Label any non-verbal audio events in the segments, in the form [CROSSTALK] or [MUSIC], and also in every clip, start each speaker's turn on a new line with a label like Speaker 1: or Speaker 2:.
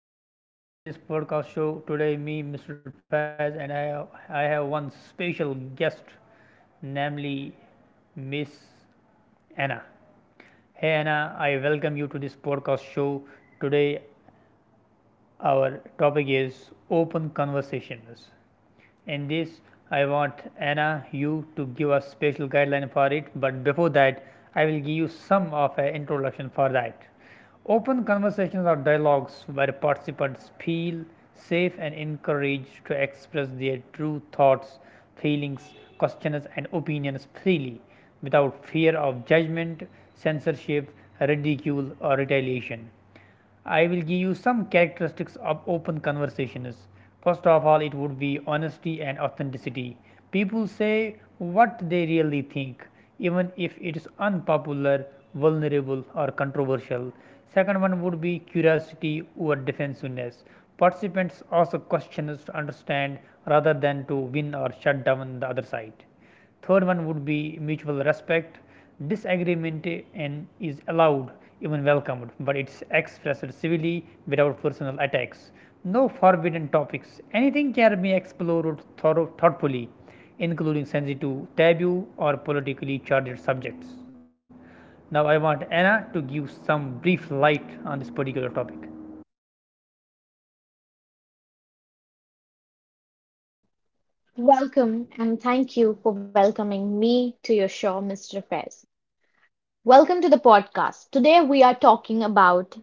Speaker 1: everyone, welcome to this podcast show. Today, me, Mr. Faz, and I have one special guest, namely Miss Anna. Hey Anna, I welcome you to this podcast show. Today, our topic is open conversations. In this, I want Anna you to give a special guideline for it. But before that, I will give you some of an introduction for that. Open conversations or dialogues where participants feel safe and encouraged to express their true thoughts, feelings, questions, and opinions freely without fear of judgment, censorship, ridicule, or retaliation. I will give you some characteristics of open conversations. First of all, it would be honesty and authenticity. People say what they really think, even if it is unpopular, vulnerable, or controversial. Second one would be curiosity or defensiveness. Participants ask questions to understand rather than to win or shut down the other side. Third one would be mutual respect. Disagreement and is allowed, even welcomed, but it's expressed civilly without personal attacks. No forbidden topics. Anything can be explored thoughtfully, including sensitive, taboo, or politically charged subjects. Now, I want Anna to give some brief light on this particular topic.
Speaker 2: Welcome, and thank you for welcoming me to your show, Mr. Fez. Welcome to the podcast. Today we are talking about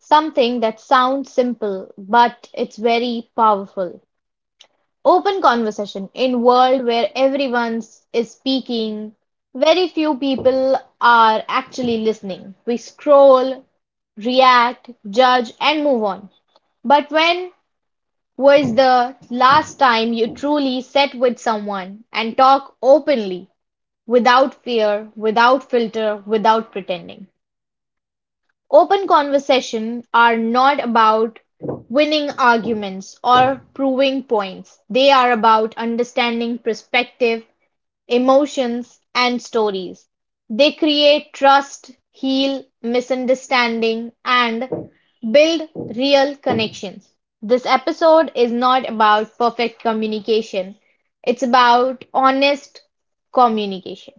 Speaker 2: something that sounds simple but it's very powerful. Open conversation in world where everyone is speaking, very few people are actually listening. We scroll, react, judge, and move on. But when was the last time you truly sat with someone and talk openly? Without fear, without filter, without pretending. Open conversation are not about winning arguments or proving points. They are about understanding perspective, emotions, and stories. They create trust, heal misunderstanding, and build real connections. This episode is not about perfect communication, it's about honest communication.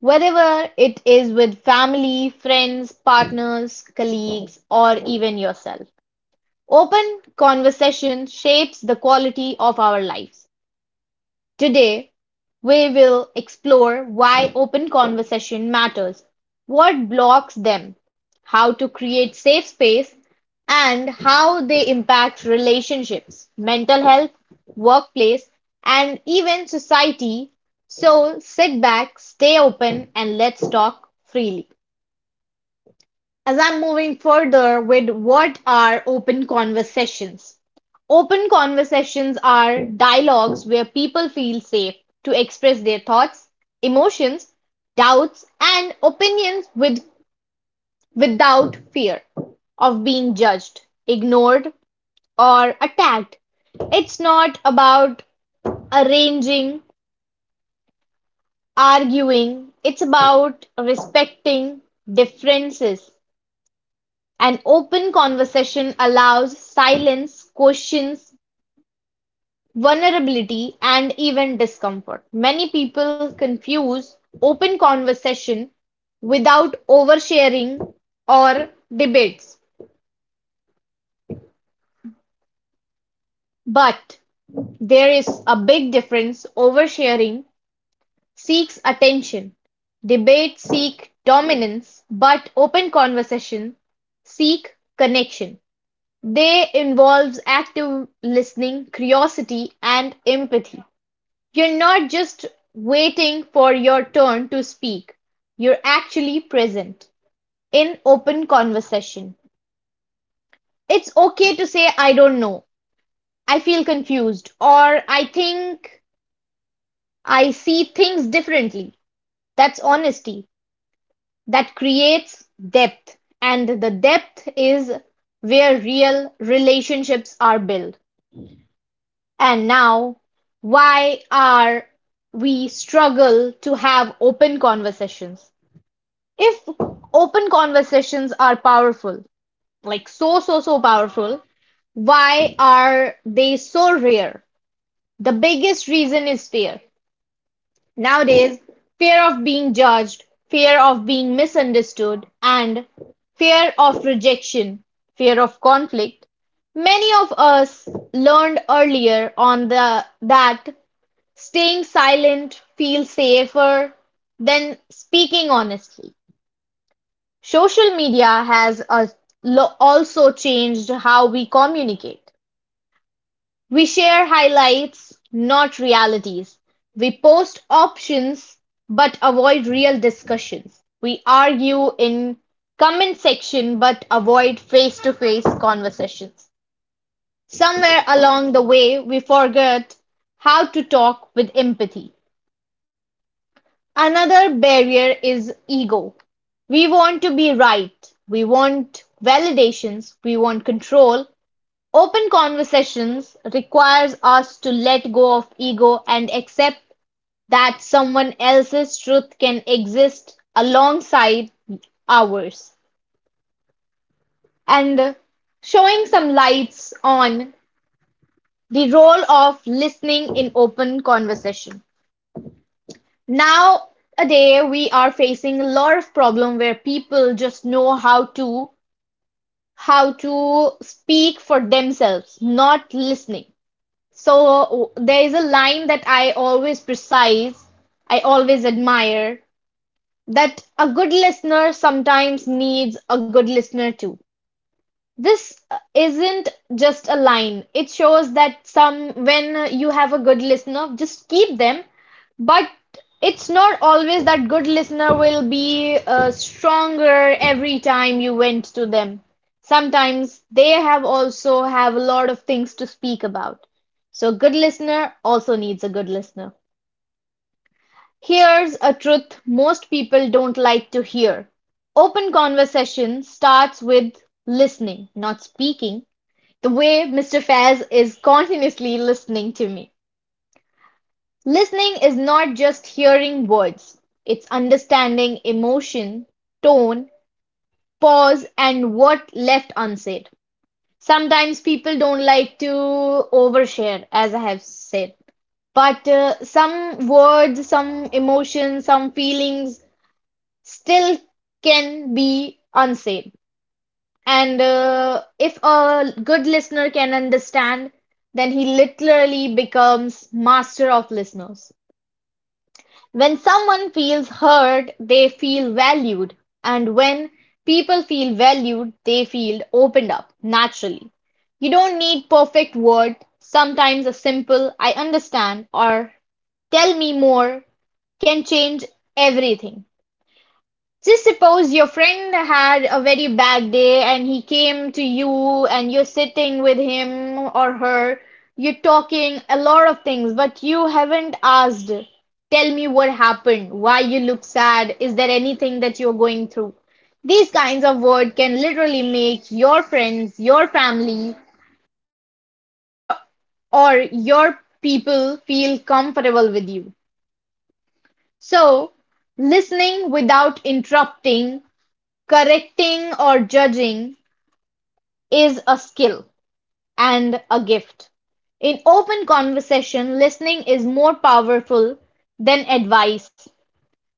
Speaker 2: Whether it is with family, friends, partners, colleagues, or even yourself, open conversation shapes the quality of our lives. Today, we will explore why open conversation matters, what blocks them, how to create safe space, and how they impact relationships, mental health, workplace, and even society. So sit back, stay open, and let's talk freely as I'm moving further with what are open conversations? Open conversations are dialogues where people feel safe to express their thoughts, emotions, doubts, and opinions without fear of being judged, ignored, or attacked. It's not about arranging, arguing, it's about respecting differences. An open conversation allows silence, questions, vulnerability, and even discomfort. Many people confuse open conversation without oversharing or debates. But there is a big difference. Oversharing seeks attention. Debates seek dominance, but open conversation seek connection. They involves active listening, curiosity, and empathy. You're not just waiting for your turn to speak. You're actually present in open conversation. It's okay to say, I don't know, I feel confused, or I think I see things differently. That's honesty. That creates depth, and the depth is where real relationships are built. And now, why are we struggle to have open conversations? If open conversations are powerful, like so powerful, why are they so rare? The biggest reason is fear. Nowadays, fear of being judged, fear of being misunderstood, and fear of rejection, fear of conflict. Many of us learned earlier on the that staying silent feels safer than speaking honestly. Social media has also changed how we communicate. We share highlights, not realities. We post options but avoid real discussions. We argue in comment section but avoid face-to-face conversations. Somewhere along the way, we forget how to talk with empathy. Another barrier is ego: we want to be right, we want validations, we want control. Open conversations requires us to let go of ego and accept that someone else's truth can exist alongside ours. And showing some lights on the role of listening in open conversation. Nowadays we are facing a lot of problem where people just know how to speak for themselves, not listening. So there is a line that I always precise, I always admire, that a good listener sometimes needs a good listener too. This isn't just a line. It shows that some when you have a good listener, just keep them. But it's not always that good listener will be stronger every time you went to them. Sometimes they have a lot of things to speak about. So good listener also needs a good listener. Here's a truth most people don't like to hear. Open conversation starts with listening, not speaking the way Mr. Faz is continuously listening to me. Listening is not just hearing words, it's understanding emotion, tone, pause, and what left unsaid. Sometimes people don't like to overshare, as I have said, but some words, some emotions, some feelings still can be unsaid. And if a good listener can understand, then he literally becomes master of listeners. When someone feels heard, they feel valued. And when people feel valued, they feel opened up naturally. You don't need perfect words. Sometimes a simple I understand or tell me more can change everything. Just suppose your friend had a very bad day and he came to you and you're sitting with him or her, you're talking a lot of things, but you haven't asked, tell me what happened, why you look sad, is there anything that you're going through? These kinds of words can literally make your friends, your family, your, or your people feel comfortable with you. So, listening without interrupting, correcting or judging is a skill and a gift. In open conversation, listening is more powerful than advice.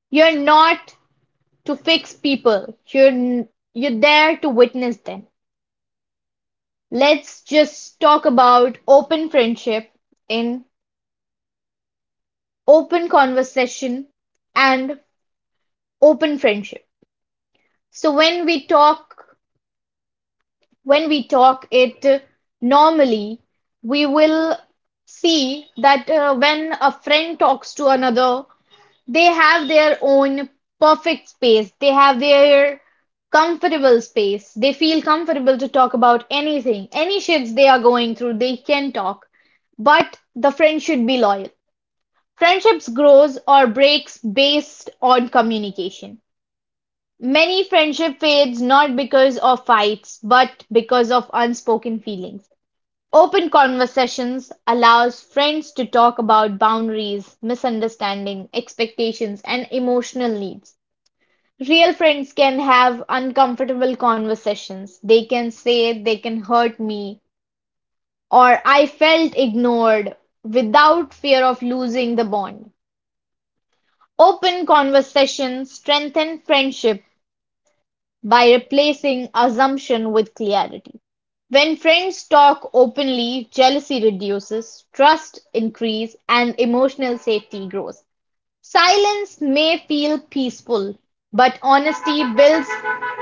Speaker 2: You're not to fix people. You're there to witness them. Let's just talk about open friendship in open conversation and open friendship. So when we talk it normally, we will see that when a friend talks to another, they have their own perfect space. They have their comfortable space. They feel comfortable to talk about anything, any shits they are going through, they can talk. But the friend should be loyal. Friendships grows or breaks based on communication. Many friendship fades not because of fights, but because of unspoken feelings. Open conversations allows friends to talk about boundaries, misunderstanding, expectations, and emotional needs. Real friends can have uncomfortable conversations. They can say they can hurt me or I felt ignored without fear of losing the bond. Open conversations strengthen friendship by replacing assumption with clarity. When friends talk openly, jealousy reduces, trust increases, and emotional safety grows. Silence may feel peaceful, but honesty builds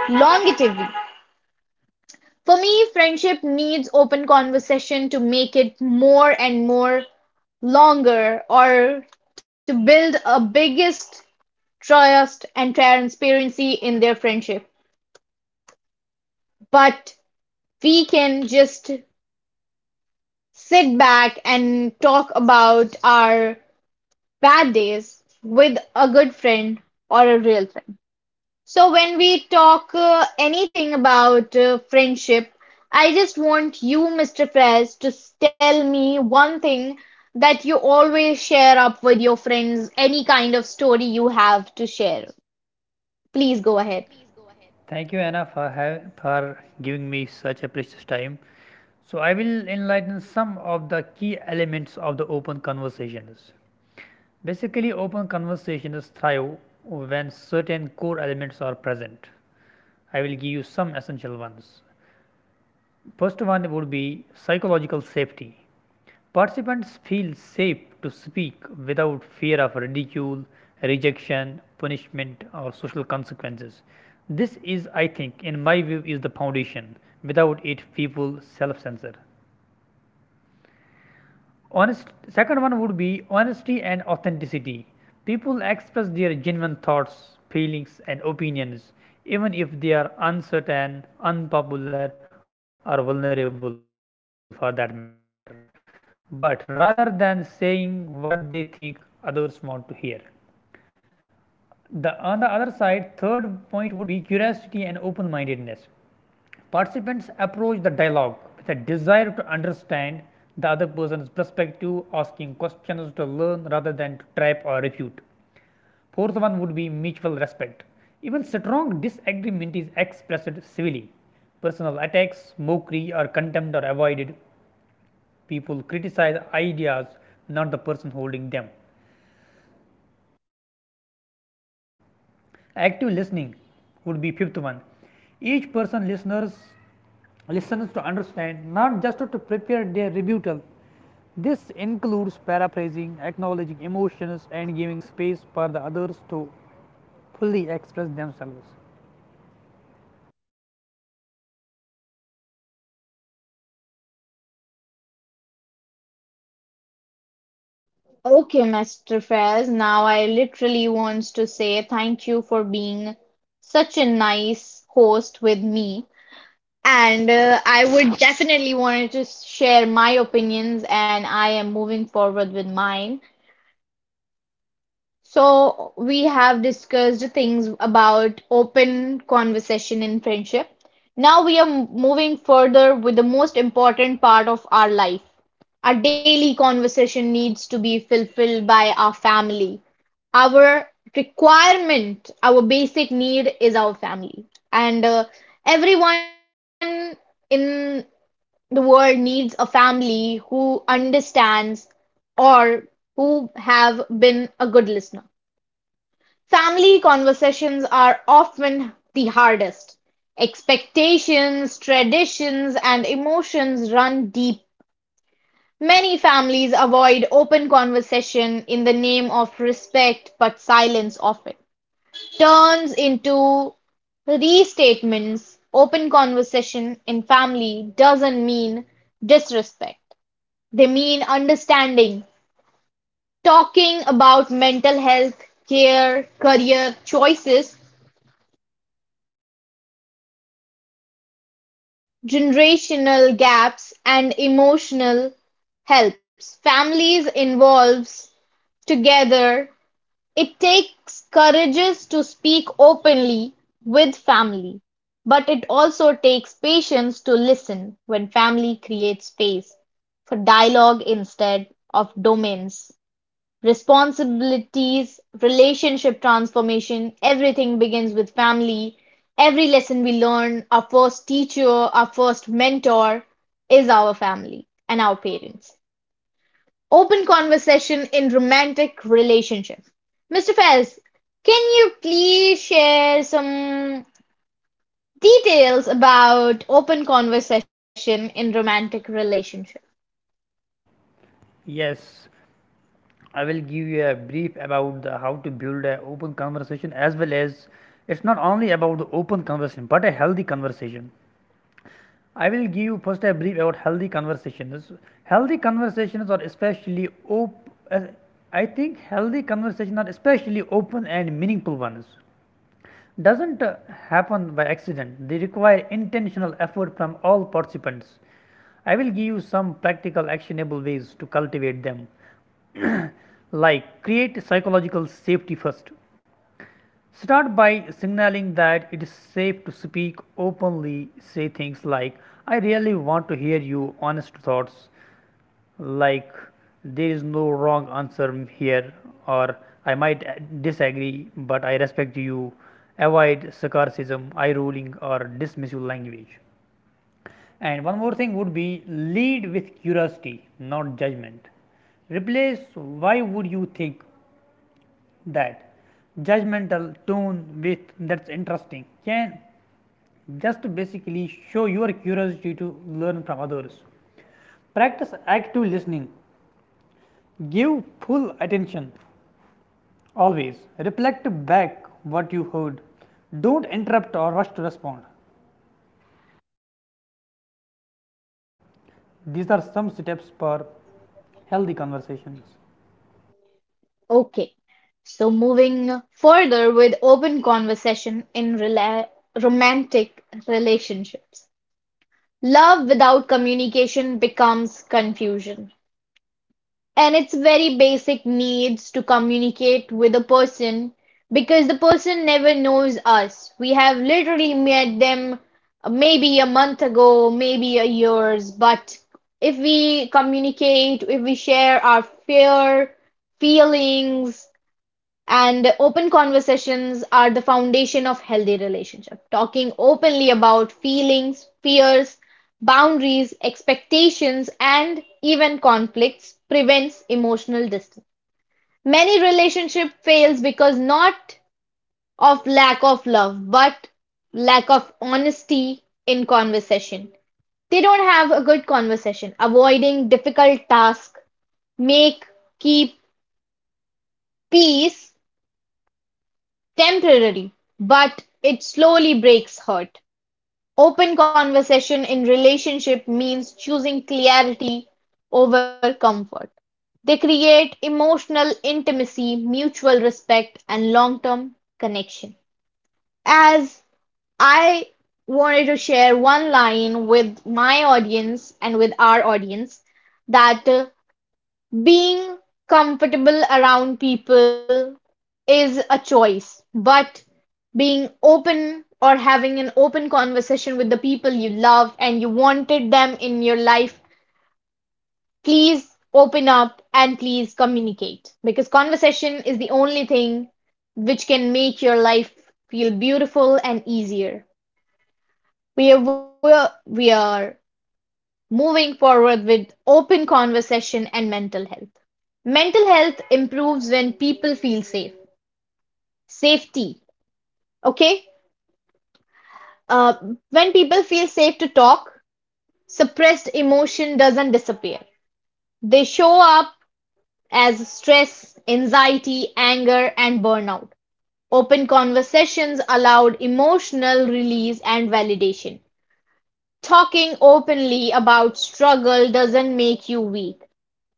Speaker 2: longevity. For me, friendship needs open conversation to make it more and more longer or to build a biggest trust and transparency in their friendship. But we can just sit back and talk about our bad days with a good friend or a real friend. So, when we talk anything about friendship, I just want you, Mr. Fres, to tell me one thing that you always share up with your friends, any kind of story you have to share. Please go ahead.
Speaker 1: Thank you, Anna, for giving me such a precious time. So I will enlighten some of the key elements of the open conversations. Basically, open conversations thrive when certain core elements are present. I will give you some essential ones. First one would be psychological safety. Participants feel safe to speak without fear of ridicule, rejection, punishment, or social consequences. This is, I think, in my view, is the foundation. Without it, people self-censor. Honest. Second one would be honesty and authenticity. People express their genuine thoughts, feelings, and opinions, even if they are uncertain, unpopular, or vulnerable, for that matter but rather than saying what they think others want to hear. On the other side, third point would be curiosity and open-mindedness. Participants approach the dialogue with a desire to understand the other person's perspective, asking questions to learn rather than to trap or refute. Fourth one would be mutual respect. Even strong disagreement is expressed civilly. Personal attacks, mockery, or contempt are avoided. People criticize ideas, not the person holding them. Active listening would be fifth one. Each person listeners listens to understand, not just to prepare their rebuttal. This includes paraphrasing, acknowledging emotions, and giving space for the others to fully express themselves.
Speaker 2: Okay, Mr. Faiz, now I literally wants to say thank you for being such a nice host with me. And I would definitely wanted to share my opinions and I am moving forward with mine. So we have discussed things about open conversation in friendship. Now we are moving further with the most important part of our life. Our daily conversation needs to be fulfilled by our family. Our requirement, our basic need is our family. And everyone in the world needs a family who understands or who have been a good listener. Family conversations are often the hardest. Expectations, traditions, and emotions run deep. Many families avoid open conversation in the name of respect, but silence often turns into restatements. Open conversation in family doesn't mean disrespect, they mean understanding. Talking about mental health, care, career choices, generational gaps and emotional helps families involves together. It takes courage to speak openly with family, but it also takes patience to listen when family creates space for dialogue instead of domains. Responsibilities, relationship transformation, everything begins with family. Every lesson we learn, our first teacher, our first mentor is our family and our parents. Open conversation in romantic relationship. Mr. Fez, can you please share some details about open conversation in romantic relationship?
Speaker 1: Yes, I will give you a brief about the how to build an open conversation as well as it's not only about the open conversation but a healthy conversation. I will give you first a brief about healthy conversations. Healthy conversations are especially op- uh, I think healthy conversations are especially open and meaningful ones. Doesn't happen by accident. They require intentional effort from all participants. I will give you some practical actionable ways to cultivate them. [CLEARS THROAT] Like create psychological safety first. Start by signaling that it is safe to speak openly, say things like, I really want to hear your honest thoughts, like, there is no wrong answer here, or I might disagree, but I respect you. Avoid sarcasm, eye rolling, or dismissive language. And one more thing would be lead with curiosity, not judgment. Replace why would you think that judgmental tone with that's interesting can just basically show your curiosity to learn from others. Practice active listening, give full attention always, reflect back what you heard, don't interrupt or rush to respond. These are some steps for healthy conversations.
Speaker 2: Okay. So moving further with open conversation in rela romantic relationships. Love without communication becomes confusion. And it's very basic needs to communicate with a person because the person never knows us. We have literally met them maybe a month ago, maybe a years, but if we communicate, if we share our fear, feelings, and open conversations are the foundation of healthy relationship. Talking openly about feelings, fears, boundaries, expectations, and even conflicts prevents emotional distance. Many relationship fails because not of lack of love, but lack of honesty in conversation. They don't have a good conversation. Avoiding difficult tasks, make, keep peace temporary, but it slowly breaks hurt. Open conversation in relationship means choosing clarity over comfort. They create emotional intimacy, mutual respect, and long-term connection. As I wanted to share one line with my audience and with our audience that being comfortable around people is a choice, but being open or having an open conversation with the people you love and you wanted them in your life, please open up and please communicate because conversation is the only thing which can make your life feel beautiful and easier. We are moving forward with open conversation and mental health. Mental health improves when people feel safe. Safety, okay? Uh, when people feel safe to talk, suppressed emotion doesn't disappear. They show up as stress, anxiety, anger, and burnout. Open conversations allowed emotional release and validation. Talking openly about struggle doesn't make you weak.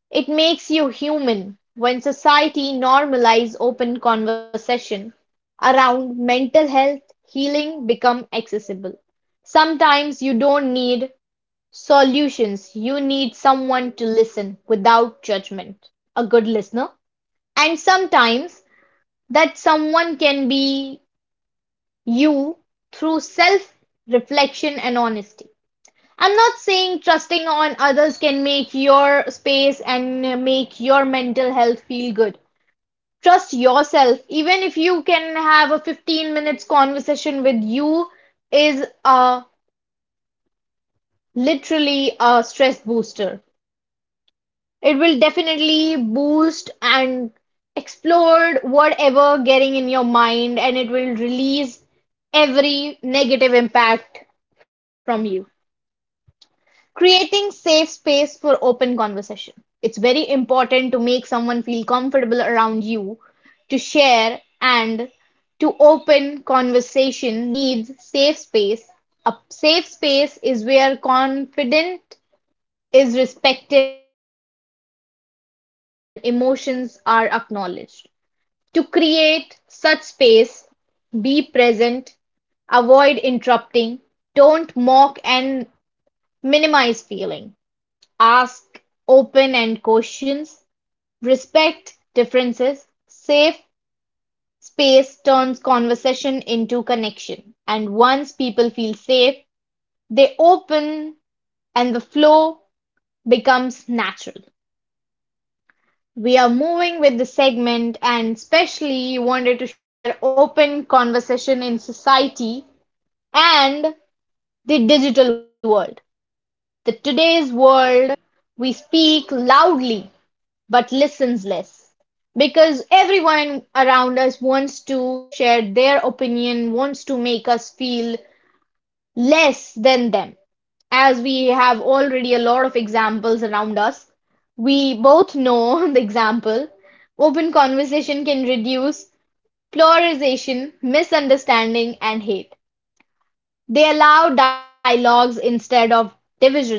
Speaker 2: It makes you human when society normalizes open conversation around mental health healing become accessible. Sometimes you don't need solutions, you need someone to listen without judgment, a good listener. And sometimes that someone can be you through self reflection and honesty. I'm not saying trusting on others can make your space and make your mental health feel good. Trust yourself. Even if you can have a 15 minutes conversation with you is a literally a stress booster. It will definitely boost and explode whatever getting in your mind and it will release every negative impact from you. Creating safe space for open conversation, it's very important to make someone feel comfortable around you to share, and to open conversation needs safe space. A safe space is where confidence is respected, opinions are not attacked, and emotions are acknowledged. To create such space, be present, avoid interrupting, don't mock and minimize feeling. Ask open-end questions, respect differences. Safe space turns conversation into connection, and once people feel safe, they open and the flow becomes natural. We are moving with the segment and especially wanted to share open conversation in society and the digital world. The today's world, we speak loudly but listens less. Because everyone around us wants to share their opinion, wants to make us feel less than them. As we have already a lot of examples around us, we both know [LAUGHS] the example. Open conversation can reduce polarization, misunderstanding, and hate. They allow dialogues instead of divisions.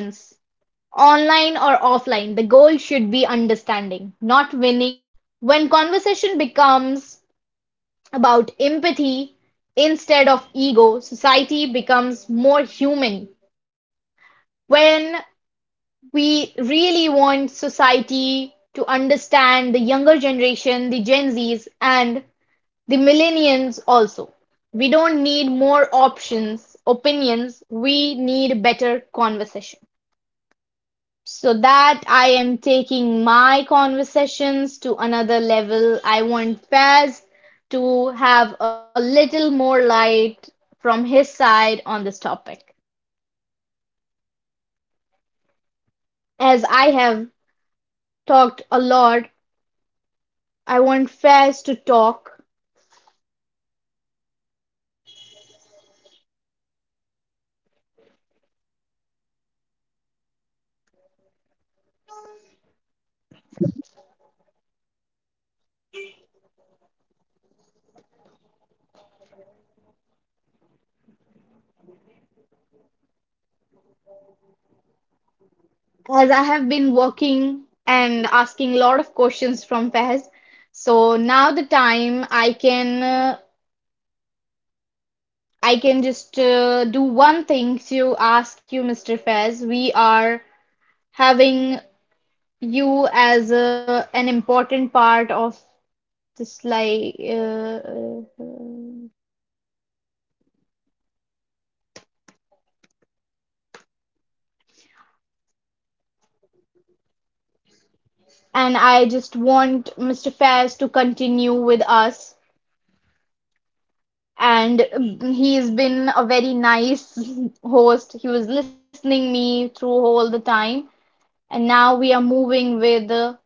Speaker 2: Online or offline, the goal should be understanding, not winning. When conversation becomes about empathy instead of ego, society becomes more human. When we really want society to understand the younger generation, the Gen Zs, and the millennials also. We don't need more options, opinions, we need better conversation. So that I am taking my conversations to another level. I want Faz to have a little more light from his side on this topic. As I have talked a lot, I want Faz to talk. As I have been working and asking a lot of questions from Faz, so now the time I can just do one thing to ask you, Mr. Faz. We are having you as a, an important part of this like and I just want Mr. Fairs to continue with us, and he's been a very nice host. He was listening me through all the time, and now we are moving with uh,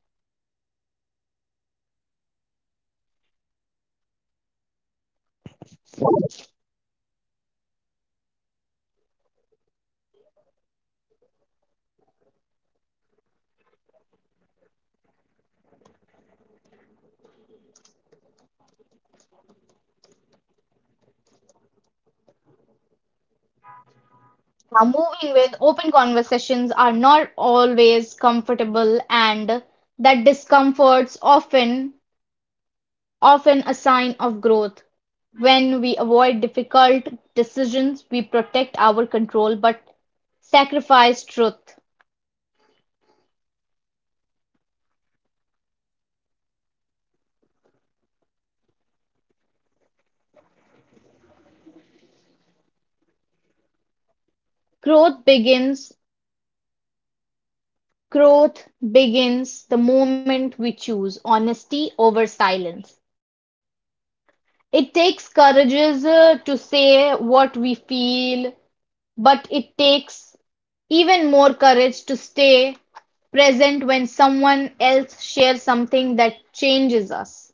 Speaker 2: now moving with open conversations are not always comfortable, and that discomforts often. Often a sign of growth. When we avoid difficult decisions, we protect our control but sacrifice truth. Growth begins, growth begins the moment we choose honesty over silence. It takes courage to say what we feel, but it takes even more courage to stay present when someone else shares something that changes us.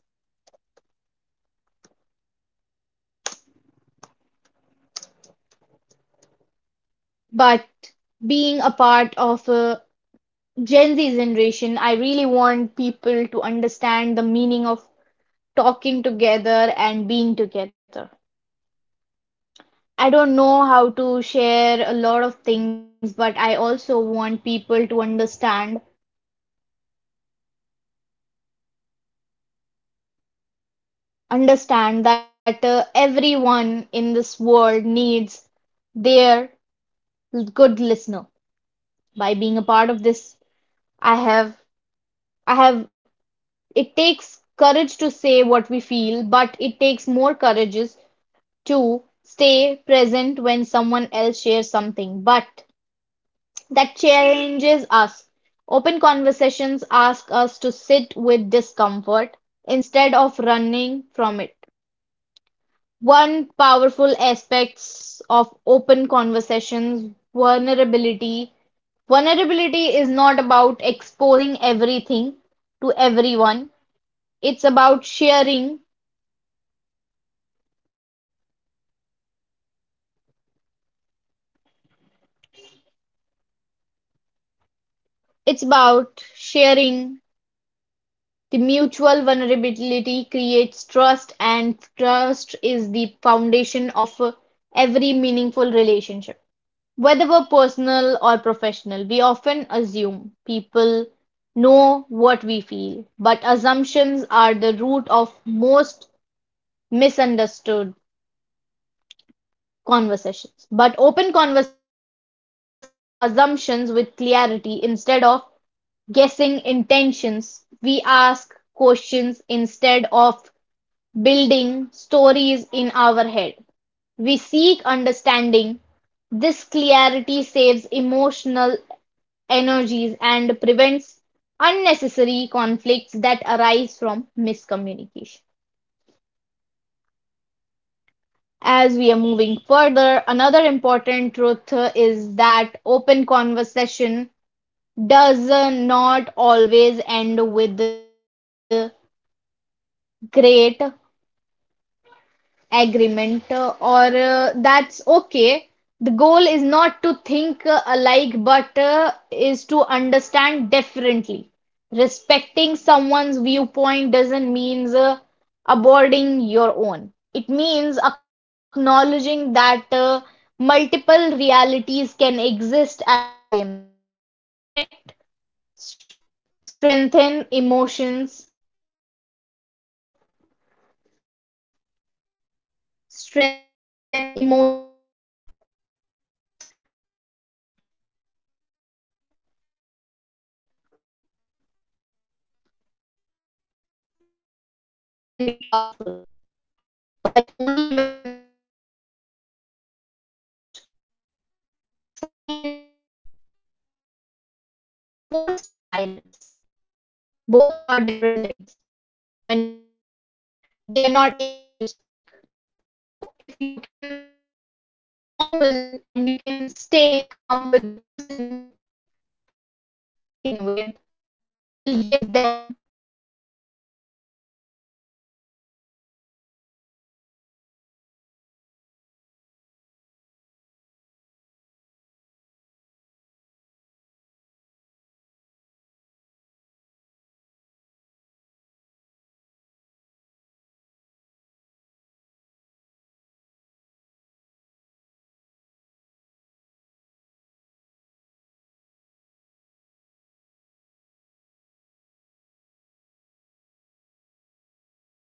Speaker 2: But being a part of a Gen Z generation, I really want people to understand the meaning of talking together and being together. I don't know how to share a lot of things, but I also want people to understand that everyone in this world needs their good listener. By being a part of this, I have I have It takes courage to say what we feel, but it takes more courage to stay present when someone else shares something. But that challenges us. Open conversations ask us to sit with discomfort instead of running from it. One powerful aspects of open conversations vulnerability. Vulnerability is not about exposing everything to everyone. It's about sharing It's about sharing the mutual vulnerability creates trust, and trust is the foundation of every meaningful relationship, whether personal or professional. We often assume people know what we feel, but assumptions are the root of most misunderstood conversations. But open conversation replaces assumptions with clarity. Instead of guessing intentions, we ask questions instead of building stories in our head. We seek understanding. This clarity saves emotional energies and prevents unnecessary conflicts that arise from miscommunication. As we are moving further, another important truth is that open conversation does not always end with great agreement or that's okay. The goal is not to think alike but is to understand differently. Respecting someone's viewpoint doesn't mean aborting your own. It means acknowledging that multiple realities can exist at the same time. The respect str- strengthen emotions, strengthen emotions. Silence can be powerful. But only when it's chosen, not forced. Silence, forced, forced silence. Both are different things. When we force someone, they are not able to speak. So if you can be normal and you can stay calm with the person you're talking with, will give them the chances of being nice. Silence can be powerful, but only when it's chosen, not forced. Forced silence slowly turns into emotional distance. Open conversation keeps relationships alive, and by allowing space